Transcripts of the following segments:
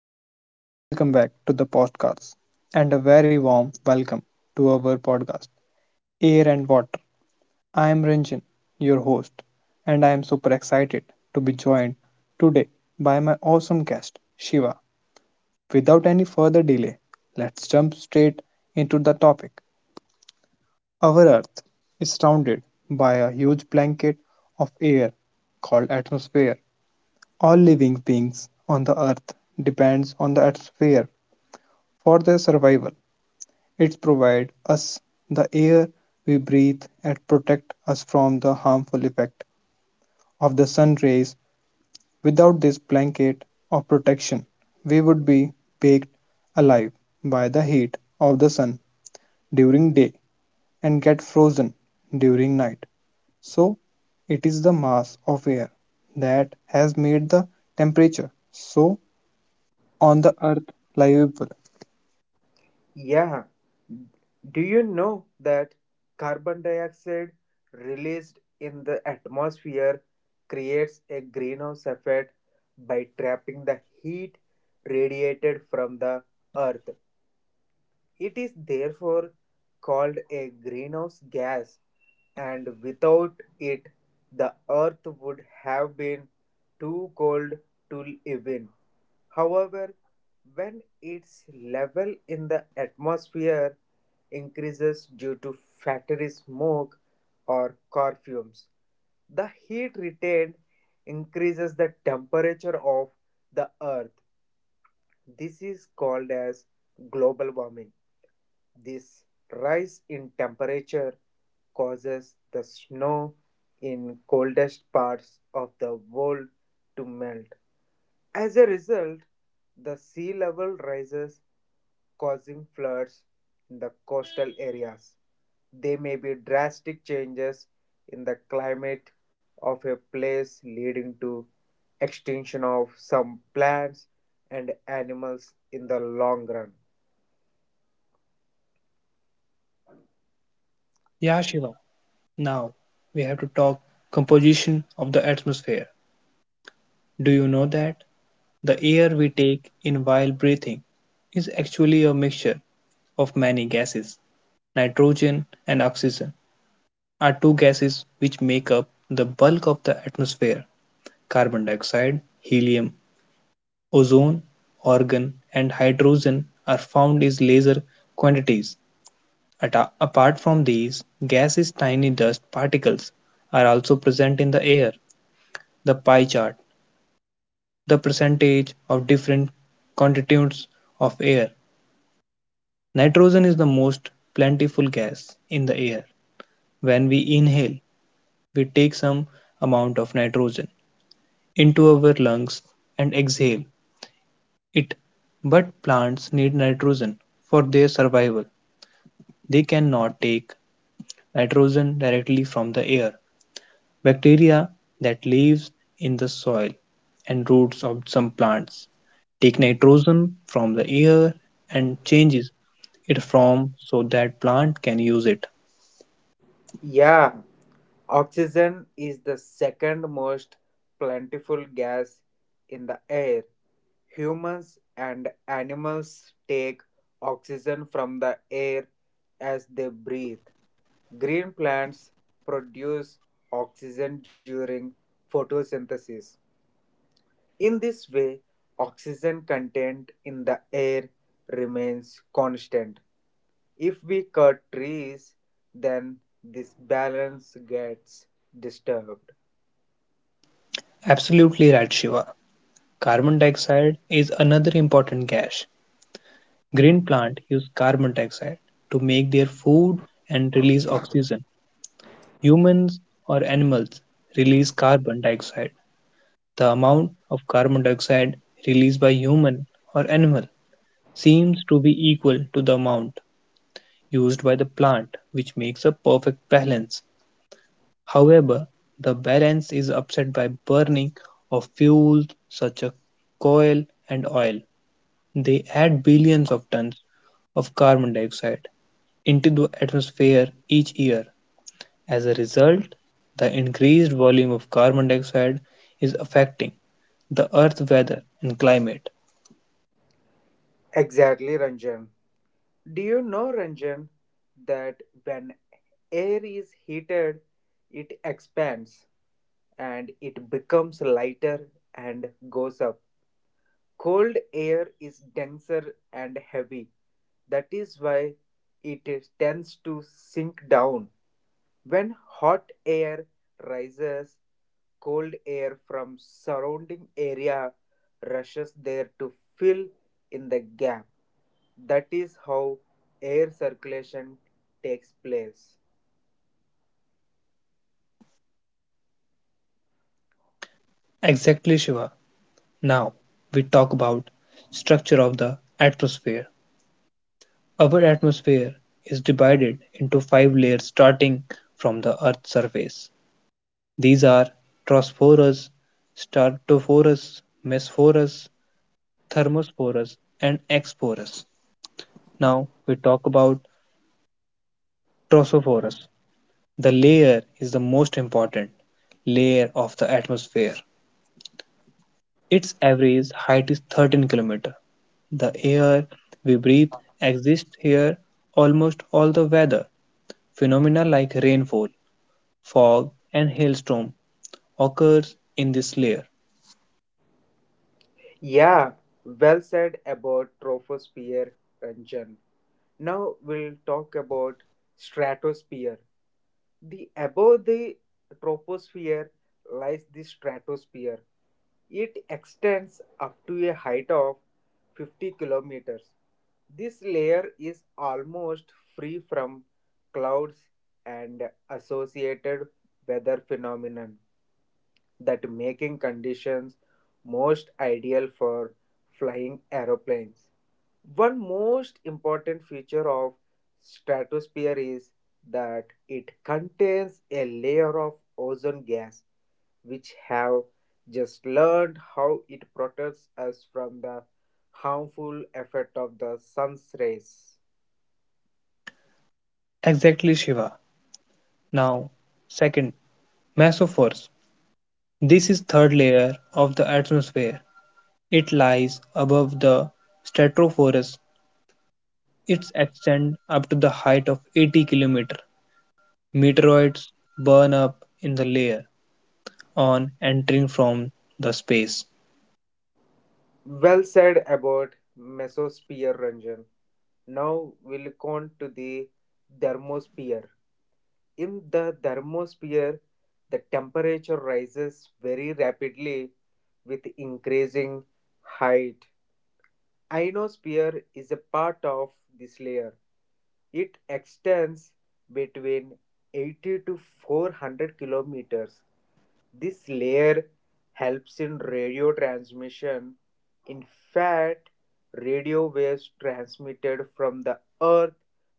everyone. Welcome back to the podcast and a very warm welcome to our podcast, Air and Water. I am Ranjan, your host, and I am super excited to be joined today by my awesome guest, Shiva. Without any further delay, let's jump straight into the topic. Our Earth is surrounded by a huge blanket of air called atmosphere. All living beings on the earth depends on the atmosphere for their survival, it provides us the air we breathe and protect us from the harmful effect of the sun rays. Without this blanket of protection, we would be baked alive by the heat of the sun during day and get frozen during night. So, it is the mass of air that has made the temperature so on the earth livable. Yeah. Do you know that carbon dioxide released in the atmosphere creates a greenhouse effect by trapping the heat radiated from the earth? It is therefore called a greenhouse gas, and without it, the earth would have been too cold to live in. However, when its level in the atmosphere increases due to factory smoke or car fumes, the heat retained increases the temperature of the earth. This is called as global warming. This rise in temperature causes the snow in coldest parts of the world to melt as a result, the sea level rises, causing floods in the coastal areas. They may be drastic changes in the climate of a place leading to extinction of some plants and animals in the long run. Yeah, Shiva. Now, we have to talk composition of the atmosphere. Do you know that the air we take in while breathing is actually a mixture of many gases? Nitrogen and oxygen are two gases which make up the bulk of the atmosphere. Carbon dioxide, helium, ozone, argon, and hydrogen are found as larger quantities. Apart from these, gases, tiny dust particles are also present in the air. The pie chart the percentage of different constituents of air. Nitrogen is the most plentiful gas in the air. When we inhale, we take some amount of nitrogen into our lungs and exhale it. But plants need nitrogen for their survival. They cannot take nitrogen directly from the air. Bacteria that lives in the soil and roots of some plants take nitrogen from the air and changes it from so that plant can use it. Yeah, oxygen is the second most plentiful gas in the air. Humans and animals take oxygen from the air as they breathe. Green plants produce oxygen during photosynthesis. In this way, oxygen content in the air remains constant. If we cut trees, then this balance gets disturbed. Absolutely right, Shiva. Carbon dioxide is another important gas. Green plant use carbon dioxide to make their food and release oxygen. Humans or animals release carbon dioxide. The amount of carbon dioxide released by human or animal seems to be equal to the amount used by the plant, which makes a perfect balance. However, the balance is upset by burning of fuels such as coal and oil; they add billions of tons of carbon dioxide into the atmosphere each year. As a result, the increased volume of carbon dioxide is affecting the Earth's weather and climate. Exactly, Ranjan. Do you know, Ranjan, that when air is heated, it expands and it becomes lighter and goes up. Cold air is denser and heavy. That is why tends to sink down. When hot air rises, cold air from surrounding area rushes there to fill in the gap. That is how air circulation takes place. Exactly, Shiva, now we talk about structure of the atmosphere. Our atmosphere is divided into five layers starting from the Earth's surface. These are tropospherous, stratophorous, mesophorous, thermophorous, and exophorous. Now we talk about tropospherous. The layer is the most important layer of the atmosphere. Its average height is 13 km. The air we breathe exists here. Almost all the weather phenomena like rainfall, fog and hailstorm occurs in this layer. Yeah, well said about troposphere, Ranjan. Now we'll talk about stratosphere. The above the troposphere lies the stratosphere. It extends up to a height of 50 kilometers. This layer is almost free from clouds and associated weather phenomenon that making conditions most ideal for flying aeroplanes. One most important feature of stratosphere is that it contains a layer of ozone gas which have just learned how it protects us from the harmful effect of the sun's rays. Exactly, Shiva. Now, second, mesospheres. This is third layer of the atmosphere. It lies above the stratosphere. Its extend up to the height of 80 km. Meteoroids burn up in the layer on entering from the space. Well said about mesosphere, Ranjan. Now we'll look on to the thermosphere. In the thermosphere, the temperature rises very rapidly with increasing height. Ionosphere is a part of this layer. It extends between 80 to 400 kilometers. This layer helps in radio transmission. In fact, radio waves transmitted from the earth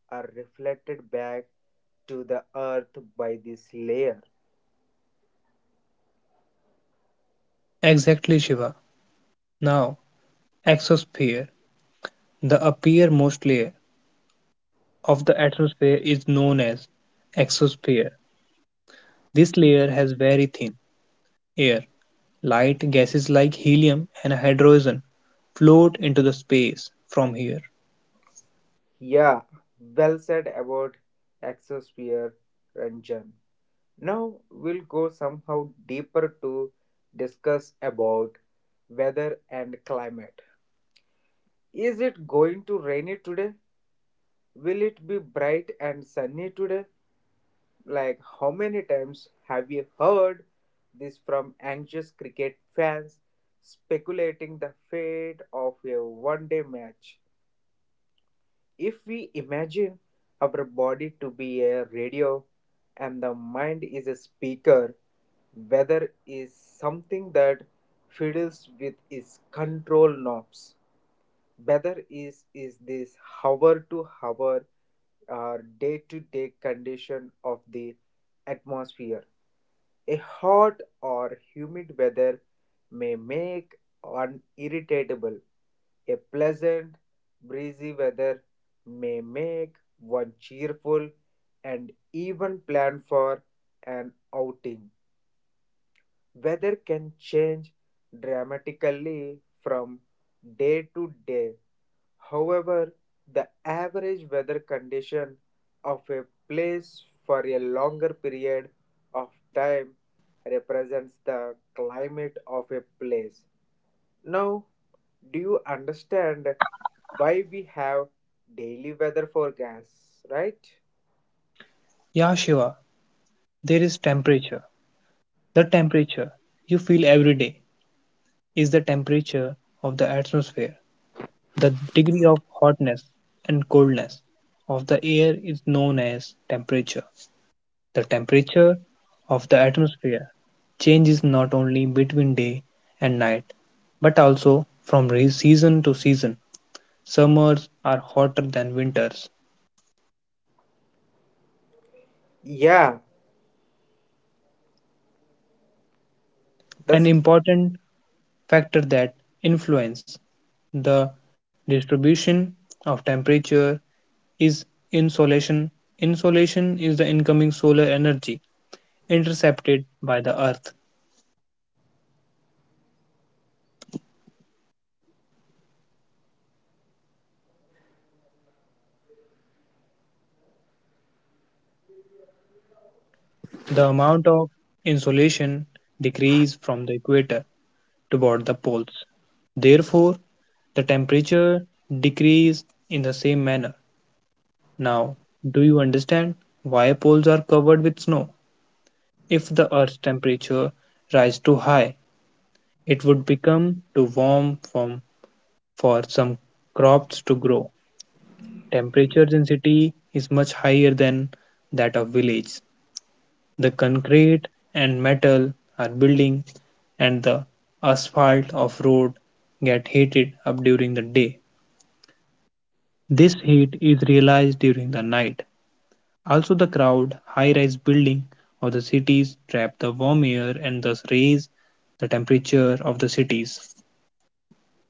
are reflected back to the earth by this layer. Exactly, Shiva. Now, exosphere. The uppermost layer of the atmosphere is known as exosphere. This layer has very thin air, light gases like helium and hydrogen float into the space from here. Yeah, well said about exosphere, Ranjan. Now we'll go somehow deeper to discuss about weather and climate. Is it going to rain it today? Will it be bright and sunny today? Like, how many times have you heard this from anxious cricket fans speculating the fate of a one day match? If we imagine our body to be a radio and the mind is a speaker, weather is something that fiddles with its control knobs. Weather is this hour to hour or day to day condition of the atmosphere. A hot or humid weather may make one irritable. A pleasant, breezy weather may make one cheerful and even plan for an outing. Weather can change dramatically from day to day. However, the average weather condition of a place for a longer period of time represents the climate of a place. Now, do you understand why we have daily weather forecasts, right? Yeah, Shiva, there is temperature. The temperature you feel every day is the temperature of the atmosphere. The degree of hotness and coldness of the air is known as temperature. The temperature of the atmosphere changes not only between day and night but also from season to season. Summers are hotter than winters, Yeah, an that's important factor that influences the distribution of temperature is insolation. Insolation is the incoming solar energy intercepted by the Earth. The amount of insolation decreases from the equator toward the poles. Therefore, the temperature decreases in the same manner. Now, do you understand why poles are covered with snow? If the Earth's temperature rise too high, it would become too warm from, for some crops to grow. Temperatures in city is much higher than that of village. The concrete and metal are building and the asphalt of road get heated up during the day. This heat is realized during the night. Also the crowd, high-rise building of the cities trap the warm air and thus raise the temperature of the cities.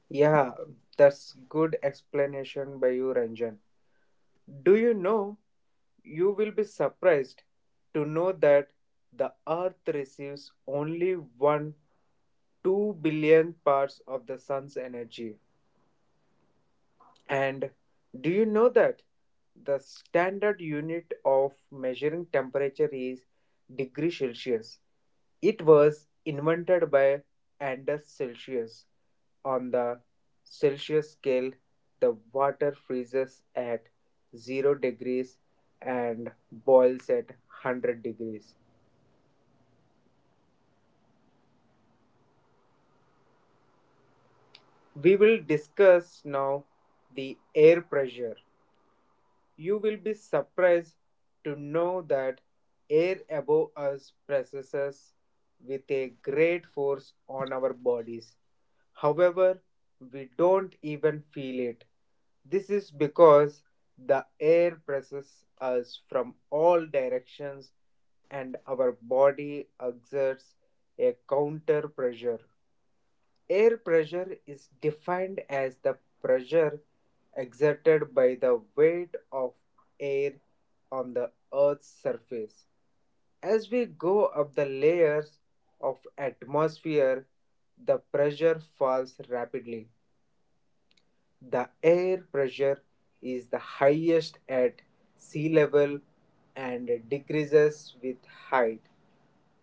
yeah, that's good explanation by you, Ranjan. Do you know? You will be surprised to know that the Earth receives only 1 2 billion parts of the sun's energy. And do you know that the standard unit of measuring temperature is degree Celsius? It was invented by Anders Celsius. On the Celsius scale, the water freezes at 0 degrees and boils at 100 degrees. We will discuss now the air pressure. You will be surprised to know that air above us presses us with a great force on our bodies. However, we don't even feel it. This is because the air presses us from all directions and our body exerts a counter pressure. Air pressure is defined as the pressure exerted by the weight of air on the Earth's surface. As we go up the layers of atmosphere, the pressure falls rapidly. The air pressure is the highest at sea level and decreases with height.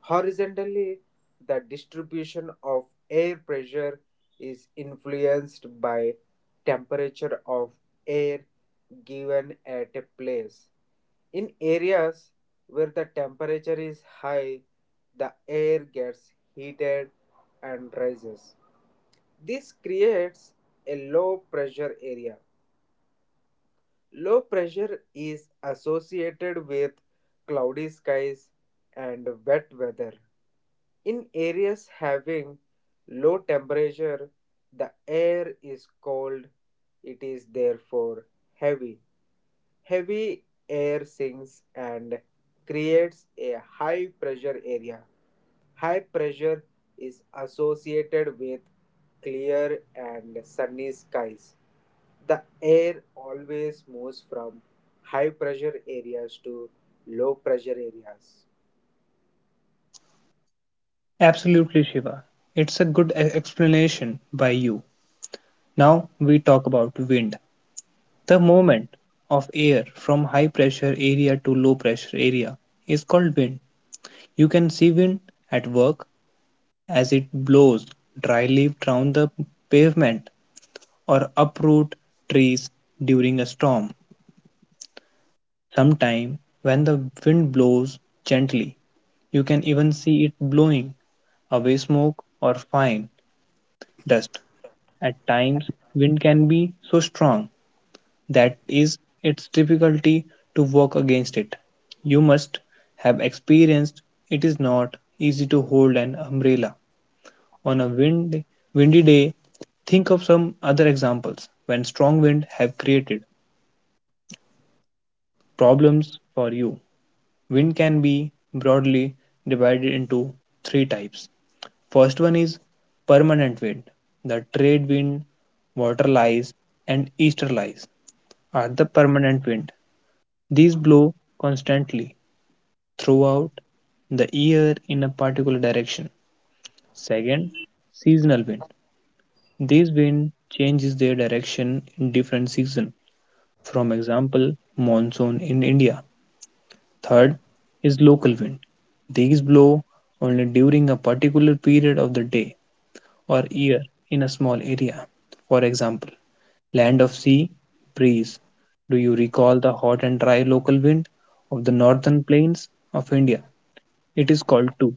Horizontally, the distribution of air pressure is influenced by temperature of air given at a place. In areas where the temperature is high, the air gets heated and rises. This creates a low pressure area. Low pressure is associated with cloudy skies and wet weather. In areas having low temperature, the air is cold. It is therefore heavy. Heavy air sinks and creates a high pressure area. High pressure is associated with clear and sunny skies. The air always moves from high pressure areas to low pressure areas. Absolutely, Shiva. It's a good explanation by you. Now we talk about wind. The movement of air from high pressure area to low pressure area is called wind. You can see wind at work as it blows dry leaves down the pavement or uproot trees during a storm. Sometime, when the wind blows gently, you can even see it blowing away smoke or fine dust. At times, wind can be so strong that is its difficulty to work against it. You must have experienced it is not easy to hold an umbrella on a windy day. Think of some other examples when strong wind have created problems for you. Wind can be broadly divided into three types. First one is permanent wind. The trade wind, water and easterlies are the permanent wind. These blow constantly throughout the year in a particular direction. Second, seasonal wind. This wind changes their direction in different season. From example, monsoon in India. Third is local wind. These blow only during a particular period of the day or year in a small area. For example, land of sea breeze. Do you recall the hot and dry local wind of the northern plains of India? It is called too.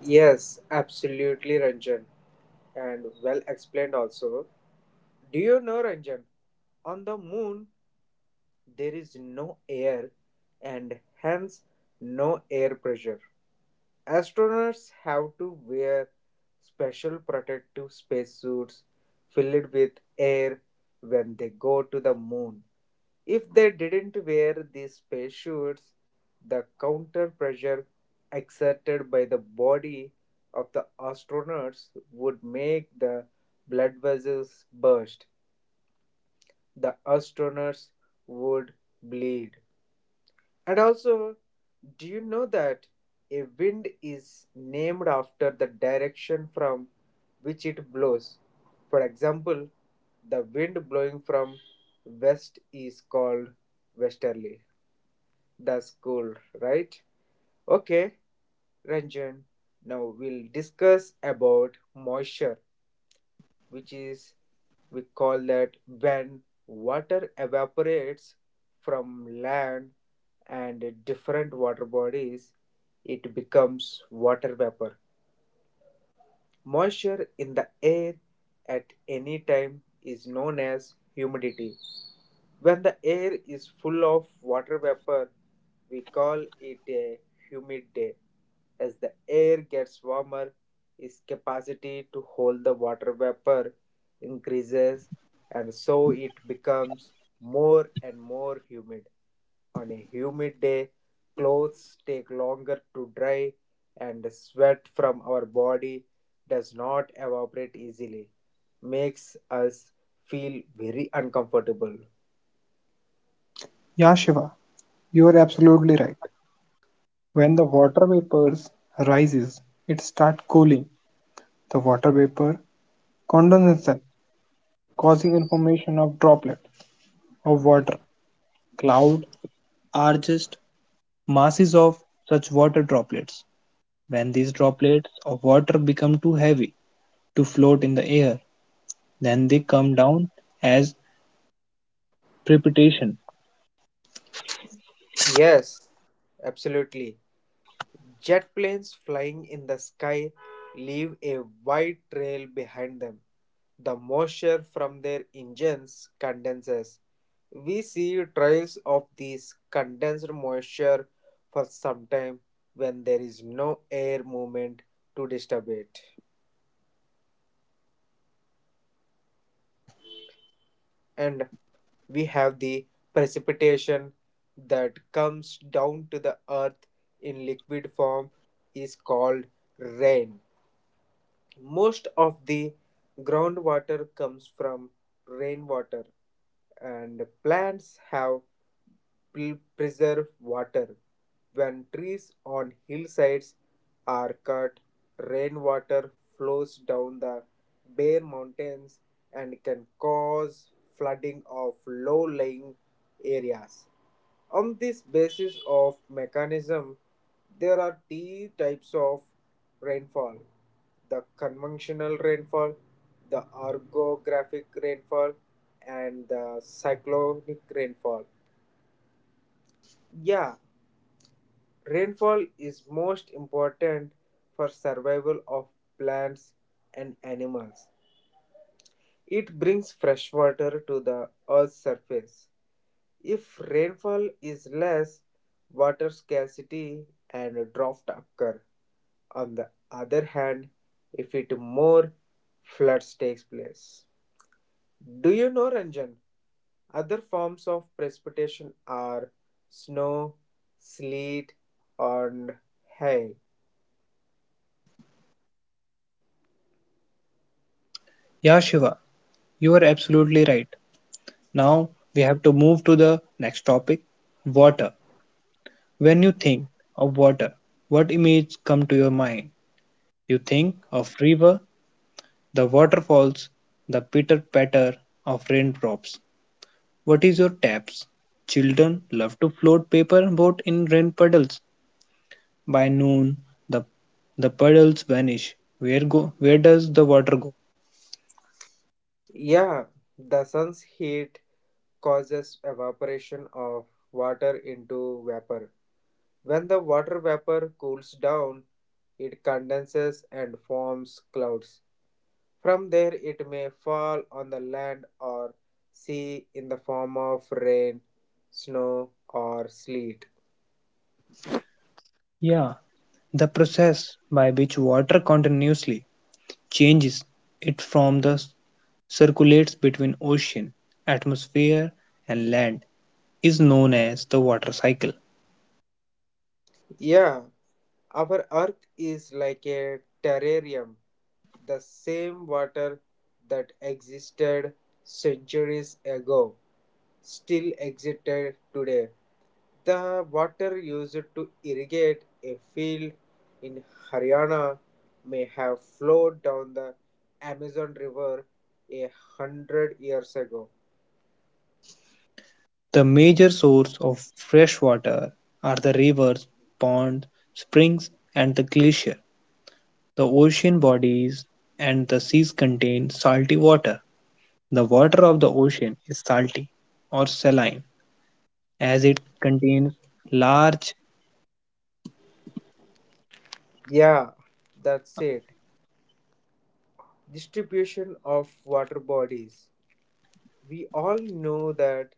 Yes, absolutely, Ranjan, and well explained also. Do you know, Ranjan? On the moon, there is no air and hence no air pressure. Astronauts have to wear special protective spacesuits filled with air when they go to the moon. If they didn't wear these parachutes, the counter pressure exerted by the body of the astronauts would make the blood vessels burst. The astronauts would bleed. And also, do you know that a wind is named after the direction from which it blows? For example, the wind blowing from west is called westerly. That's cool, right? Okay, Ranjan. Now we'll discuss about moisture, which is we call that when water evaporates from land and different water bodies, it becomes water vapor. Moisture in the air at any time is known as humidity. When the air is full of water vapor, we call it a humid day. As the air gets warmer, its capacity to hold the water vapor increases, and so it becomes more and more humid. On a humid day, clothes take longer to dry, and the sweat from our body does not evaporate easily, makes us feel very uncomfortable. Yeah, Shiva, you are absolutely right. When the water vapors rises, it starts cooling. The water vapor condenses, causing formation of droplets of water. Cloud are just masses of such water droplets. When these droplets of water become too heavy to float in the air, then they come down as precipitation. Yes, absolutely. Jet planes flying in the sky leave a wide trail behind them. The moisture from their engines condenses. We see trails of this condensed moisture for some time when there is no air movement to disturb it. And we have the precipitation that comes down to the earth in liquid form is called rain. Most of the groundwater comes from rainwater, and plants have preserve water. When trees on hillsides are cut, rainwater flows down the bare mountains and can cause flooding of low lying areas. On this basis of mechanism, there are two types of rainfall the conventional rainfall, the orographic rainfall, and the cyclonic rainfall. Yeah, rainfall is most important for survival of plants and animals. It brings fresh water to the Earth's surface. If rainfall is less, water scarcity and drought occur. On the other hand, if it more, floods takes place. Do you know, Ranjan? Other forms of precipitation are snow, sleet, and hail. Yeah, Shiva, you are absolutely right. Now we have to move to the next topic water. When you think of water, what images come to your mind? You think of river, the waterfalls, the pitter patter of raindrops. What is your taps? Children love to float paper boat in rain puddles. By noon the the puddles vanish. Where go where does the water go? Yeah, the sun's heat causes evaporation of water into vapor. When the water vapor cools down, it condenses and forms clouds. From there, it may fall on the land or sea in the form of rain, snow, or sleet. Yeah, the process by which water continuously changes it from the circulates between ocean, atmosphere and land is known as the water cycle. Yeah, our Earth is like a terrarium, the same water that existed centuries ago still existed today. The water used to irrigate a field in Haryana may have flowed down the Amazon River 100 years ago. The major source of fresh water are the rivers, ponds, springs and the glacier. The ocean bodies and the seas contain salty water. The water of the ocean is salty or saline as it contains large Yeah, that's it. Distribution of water bodies. We all know that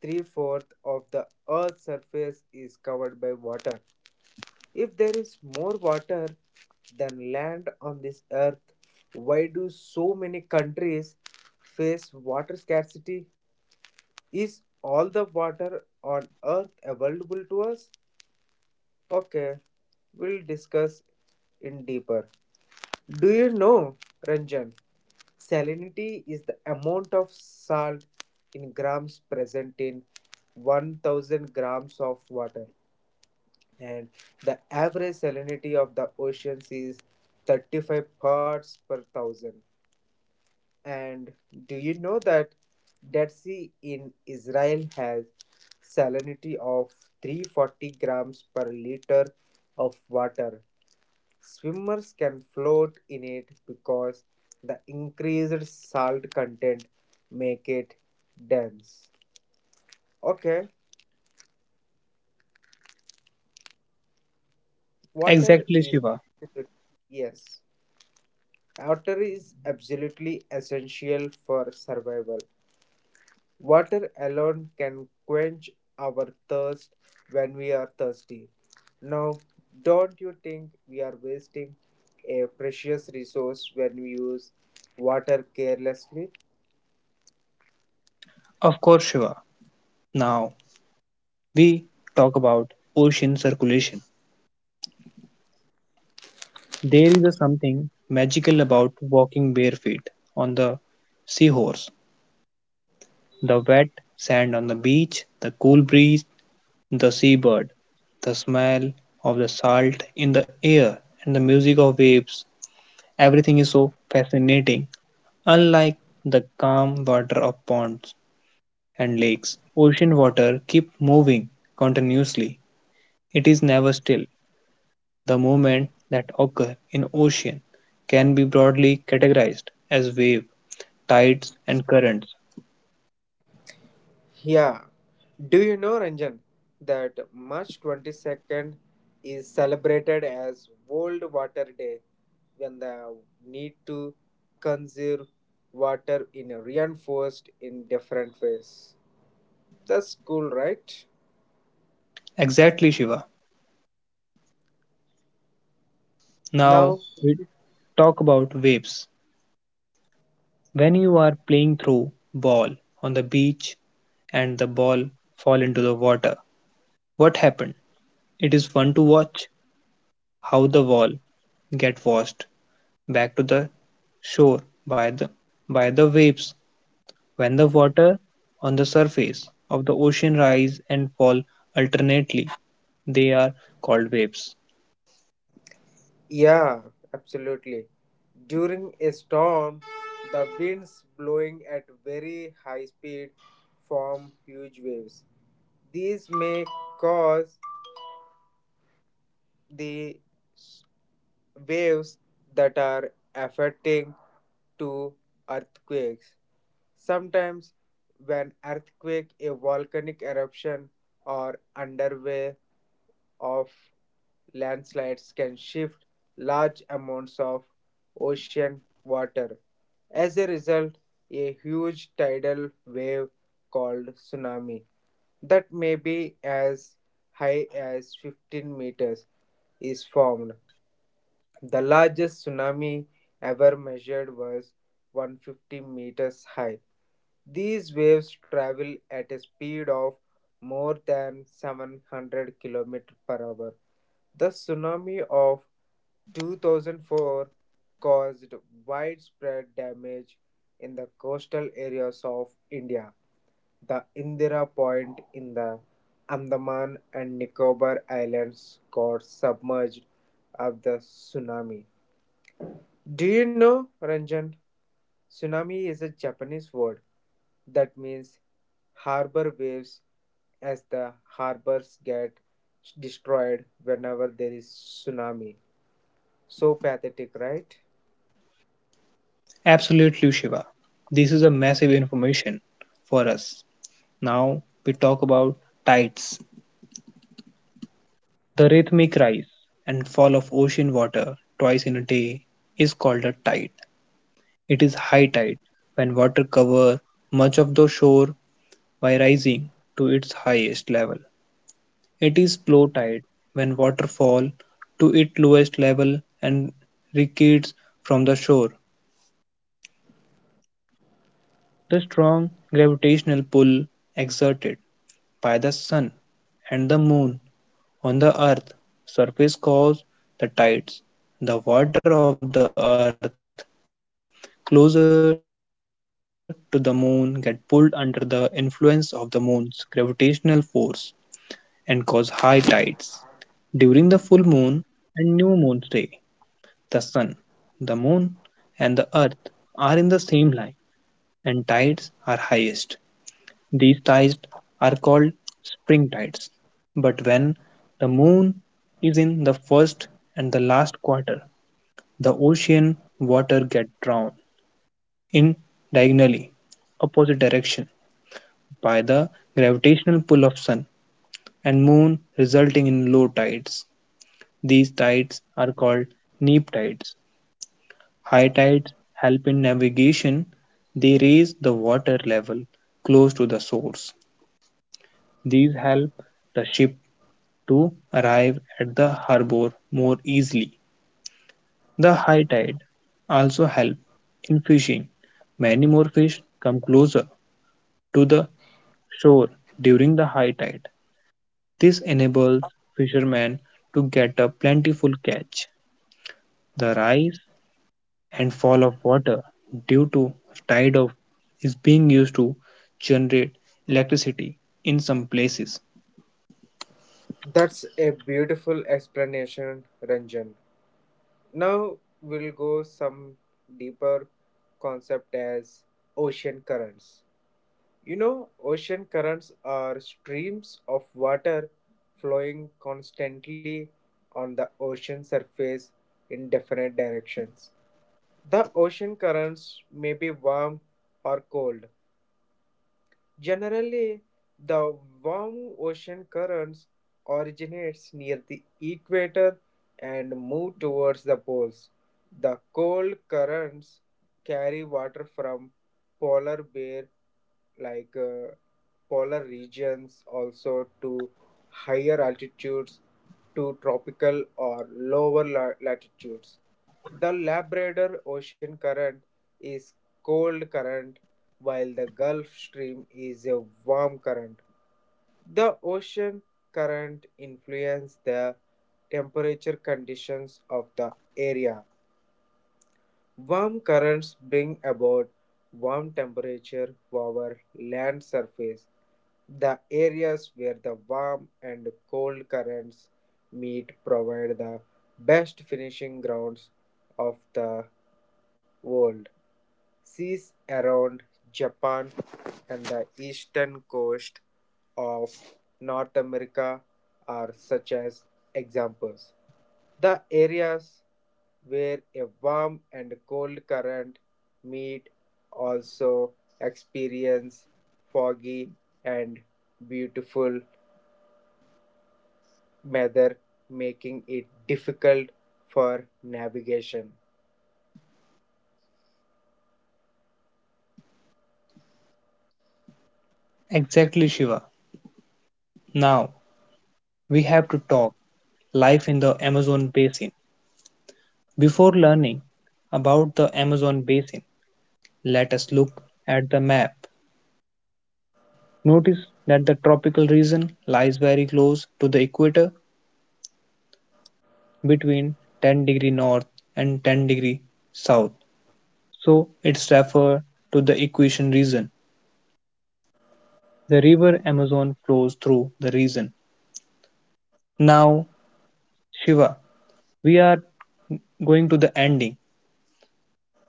three fourths of the Earth's surface is covered by water. If there is more water than land on this earth, why do so many countries face water scarcity? Is all the water on earth available to us? Okay, we'll discuss in deeper. Do you know, Ranjan, salinity is the amount of salt in grams present in 1,000 grams of water, and the average salinity of the oceans is 35 parts per thousand. And do you know that Dead Sea in Israel has salinity of 340 grams per liter of water. Swimmers can float in it because the increased salt content make it dense. Okay, water exactly is Shiva. absolute- yes. Water is absolutely essential for survival. Water alone can quench our thirst when we are thirsty. Now, don't you think we are wasting a precious resource when we use water carelessly? Of course, Shiva. Now we talk about ocean circulation. There is a something magical about walking bare feet on the seahorse, the wet sand on the beach, the cool breeze, the seabird, the smell of the salt in the air and the music of waves. Everything is so fascinating. Unlike the calm water of ponds and lakes, ocean water keeps moving continuously. It is never still. The movements that occur in ocean can be broadly categorized as wave, tides and currents. Yeah. Do you know, Ranjan, that March 22nd is celebrated as World Water Day when the need to conserve water in a reinforced in different ways. That's cool, right? Exactly, Shiva. Now, Now we talk about waves. When you are playing through ball on the beach and the ball fall into the water, what happened? It is fun to watch how the ball get washed back to the shore by the waves when the water on the surface of the ocean rise and fall alternately they are called waves. yeah, absolutely. During a storm, the winds blowing at very high speed form huge waves. These may cause the waves that are affecting to earthquakes. Sometimes, when earthquake, a volcanic eruption, or underway of landslides can shift large amounts of ocean water. As a result, a huge tidal wave called tsunami that may be as high as 15 meters is formed. The largest tsunami ever measured was 150 meters high. These waves travel at a speed of more than 700 kilometers per hour. The tsunami of 2004 caused widespread damage in the coastal areas of India. The Indira Point in the Andaman and Nicobar Islands got submerged of the tsunami. Do you know, Ranjan? Tsunami is a Japanese word that means harbor waves as the harbors get destroyed whenever there is tsunami. So pathetic, right? Absolutely, Shiva, this is a massive information for us. Now we talk about tides. The rhythmic rise and fall of ocean water twice in a day is called a tide. It is high tide when water cover much of the shore by rising to its highest level. It is low tide when water fall to its lowest level and recedes from the shore. The strong gravitational pull exerted by the sun and the moon on the earth's surface cause the tides. The water of the earth closer to the moon get pulled under the influence of the moon's gravitational force and cause high tides. During the full moon and new moon's day, the sun, the moon, and the earth are in the same line, and tides are highest. These tides are called spring tides. But when the moon is in the first and the last quarter, the ocean water get drawn in diagonally opposite direction by the gravitational pull of sun and moon resulting in low tides. These tides are called neap tides. High tides help in navigation, they raise the water level close to the source. These help the ship to arrive at the harbor more easily. The high tide also help in fishing. Many more fish come closer to the shore during the high tide. This enables fishermen to get a plentiful catch. The rise and fall of water due to tide of is being used to generate electricity in some places. That's a beautiful explanation, Ranjan. Now we'll go some deeper concept as ocean currents. You know, ocean currents are streams of water flowing constantly on the ocean surface in different directions. The ocean currents may be warm or cold. Generally, the warm ocean currents originates near the equator and move towards the poles. The cold currents carry water from polar bear like polar regions also to higher altitudes to tropical or lower latitudes. The Labrador Ocean current is cold current while the Gulf Stream is a warm current. The ocean current influence the temperature conditions of the area. Warm currents bring about warm temperature over land surface. The areas where the warm and cold currents meet provide the best finishing grounds of the world. Seas around Japan and the eastern coast of North America are such as examples. The areas where a warm and cold current meet also experience foggy and beautiful weather, making it difficult for navigation. Exactly, Shiva. Now we have to talk life in the Amazon basin. Before learning about the Amazon basin, let us look at the map. Notice that the tropical region lies very close to the equator between 10-degree north and 10-degree south. So it's referred to the equation region. The river Amazon flows through the region. Now, Shiva, we are going to the ending.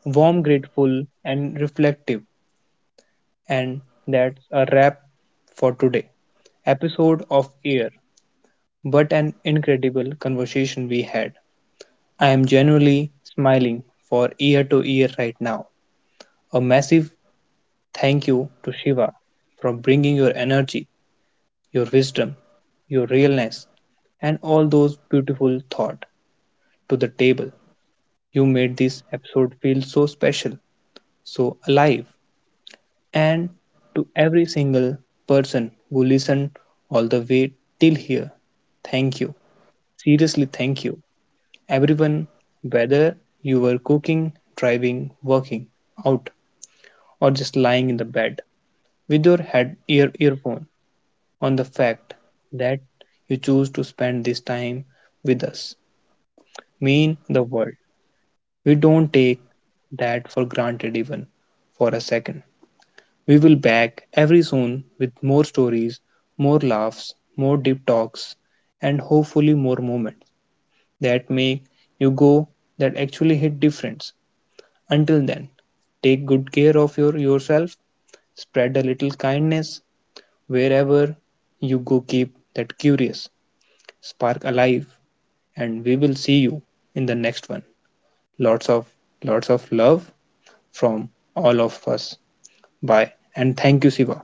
Warm, grateful, and reflective. And that's a wrap for today. Episode of Air. But an incredible conversation we had. I am genuinely smiling for ear to ear right now. A massive thank you to Shiva for bringing your energy, your wisdom, your realness, and all those beautiful thoughts to the table. You made this episode feel so special, so alive. And to every single person who listened all the way till here, thank you. Seriously, thank you. Everyone, whether you were cooking, driving, working out, or just lying in the bed with your head earphone on the fact that you choose to spend this time with us mean the world. We don't take that for granted even for a second. We will back every soon with more stories, more laughs, more deep talks, and hopefully more moments that make you go that actually hit difference. Until then, take good care of yourself, spread a little kindness wherever you go keep that curious spark alive and we will see you in the next one. Lots of Lots of love from all of us. Bye and thank you Siva.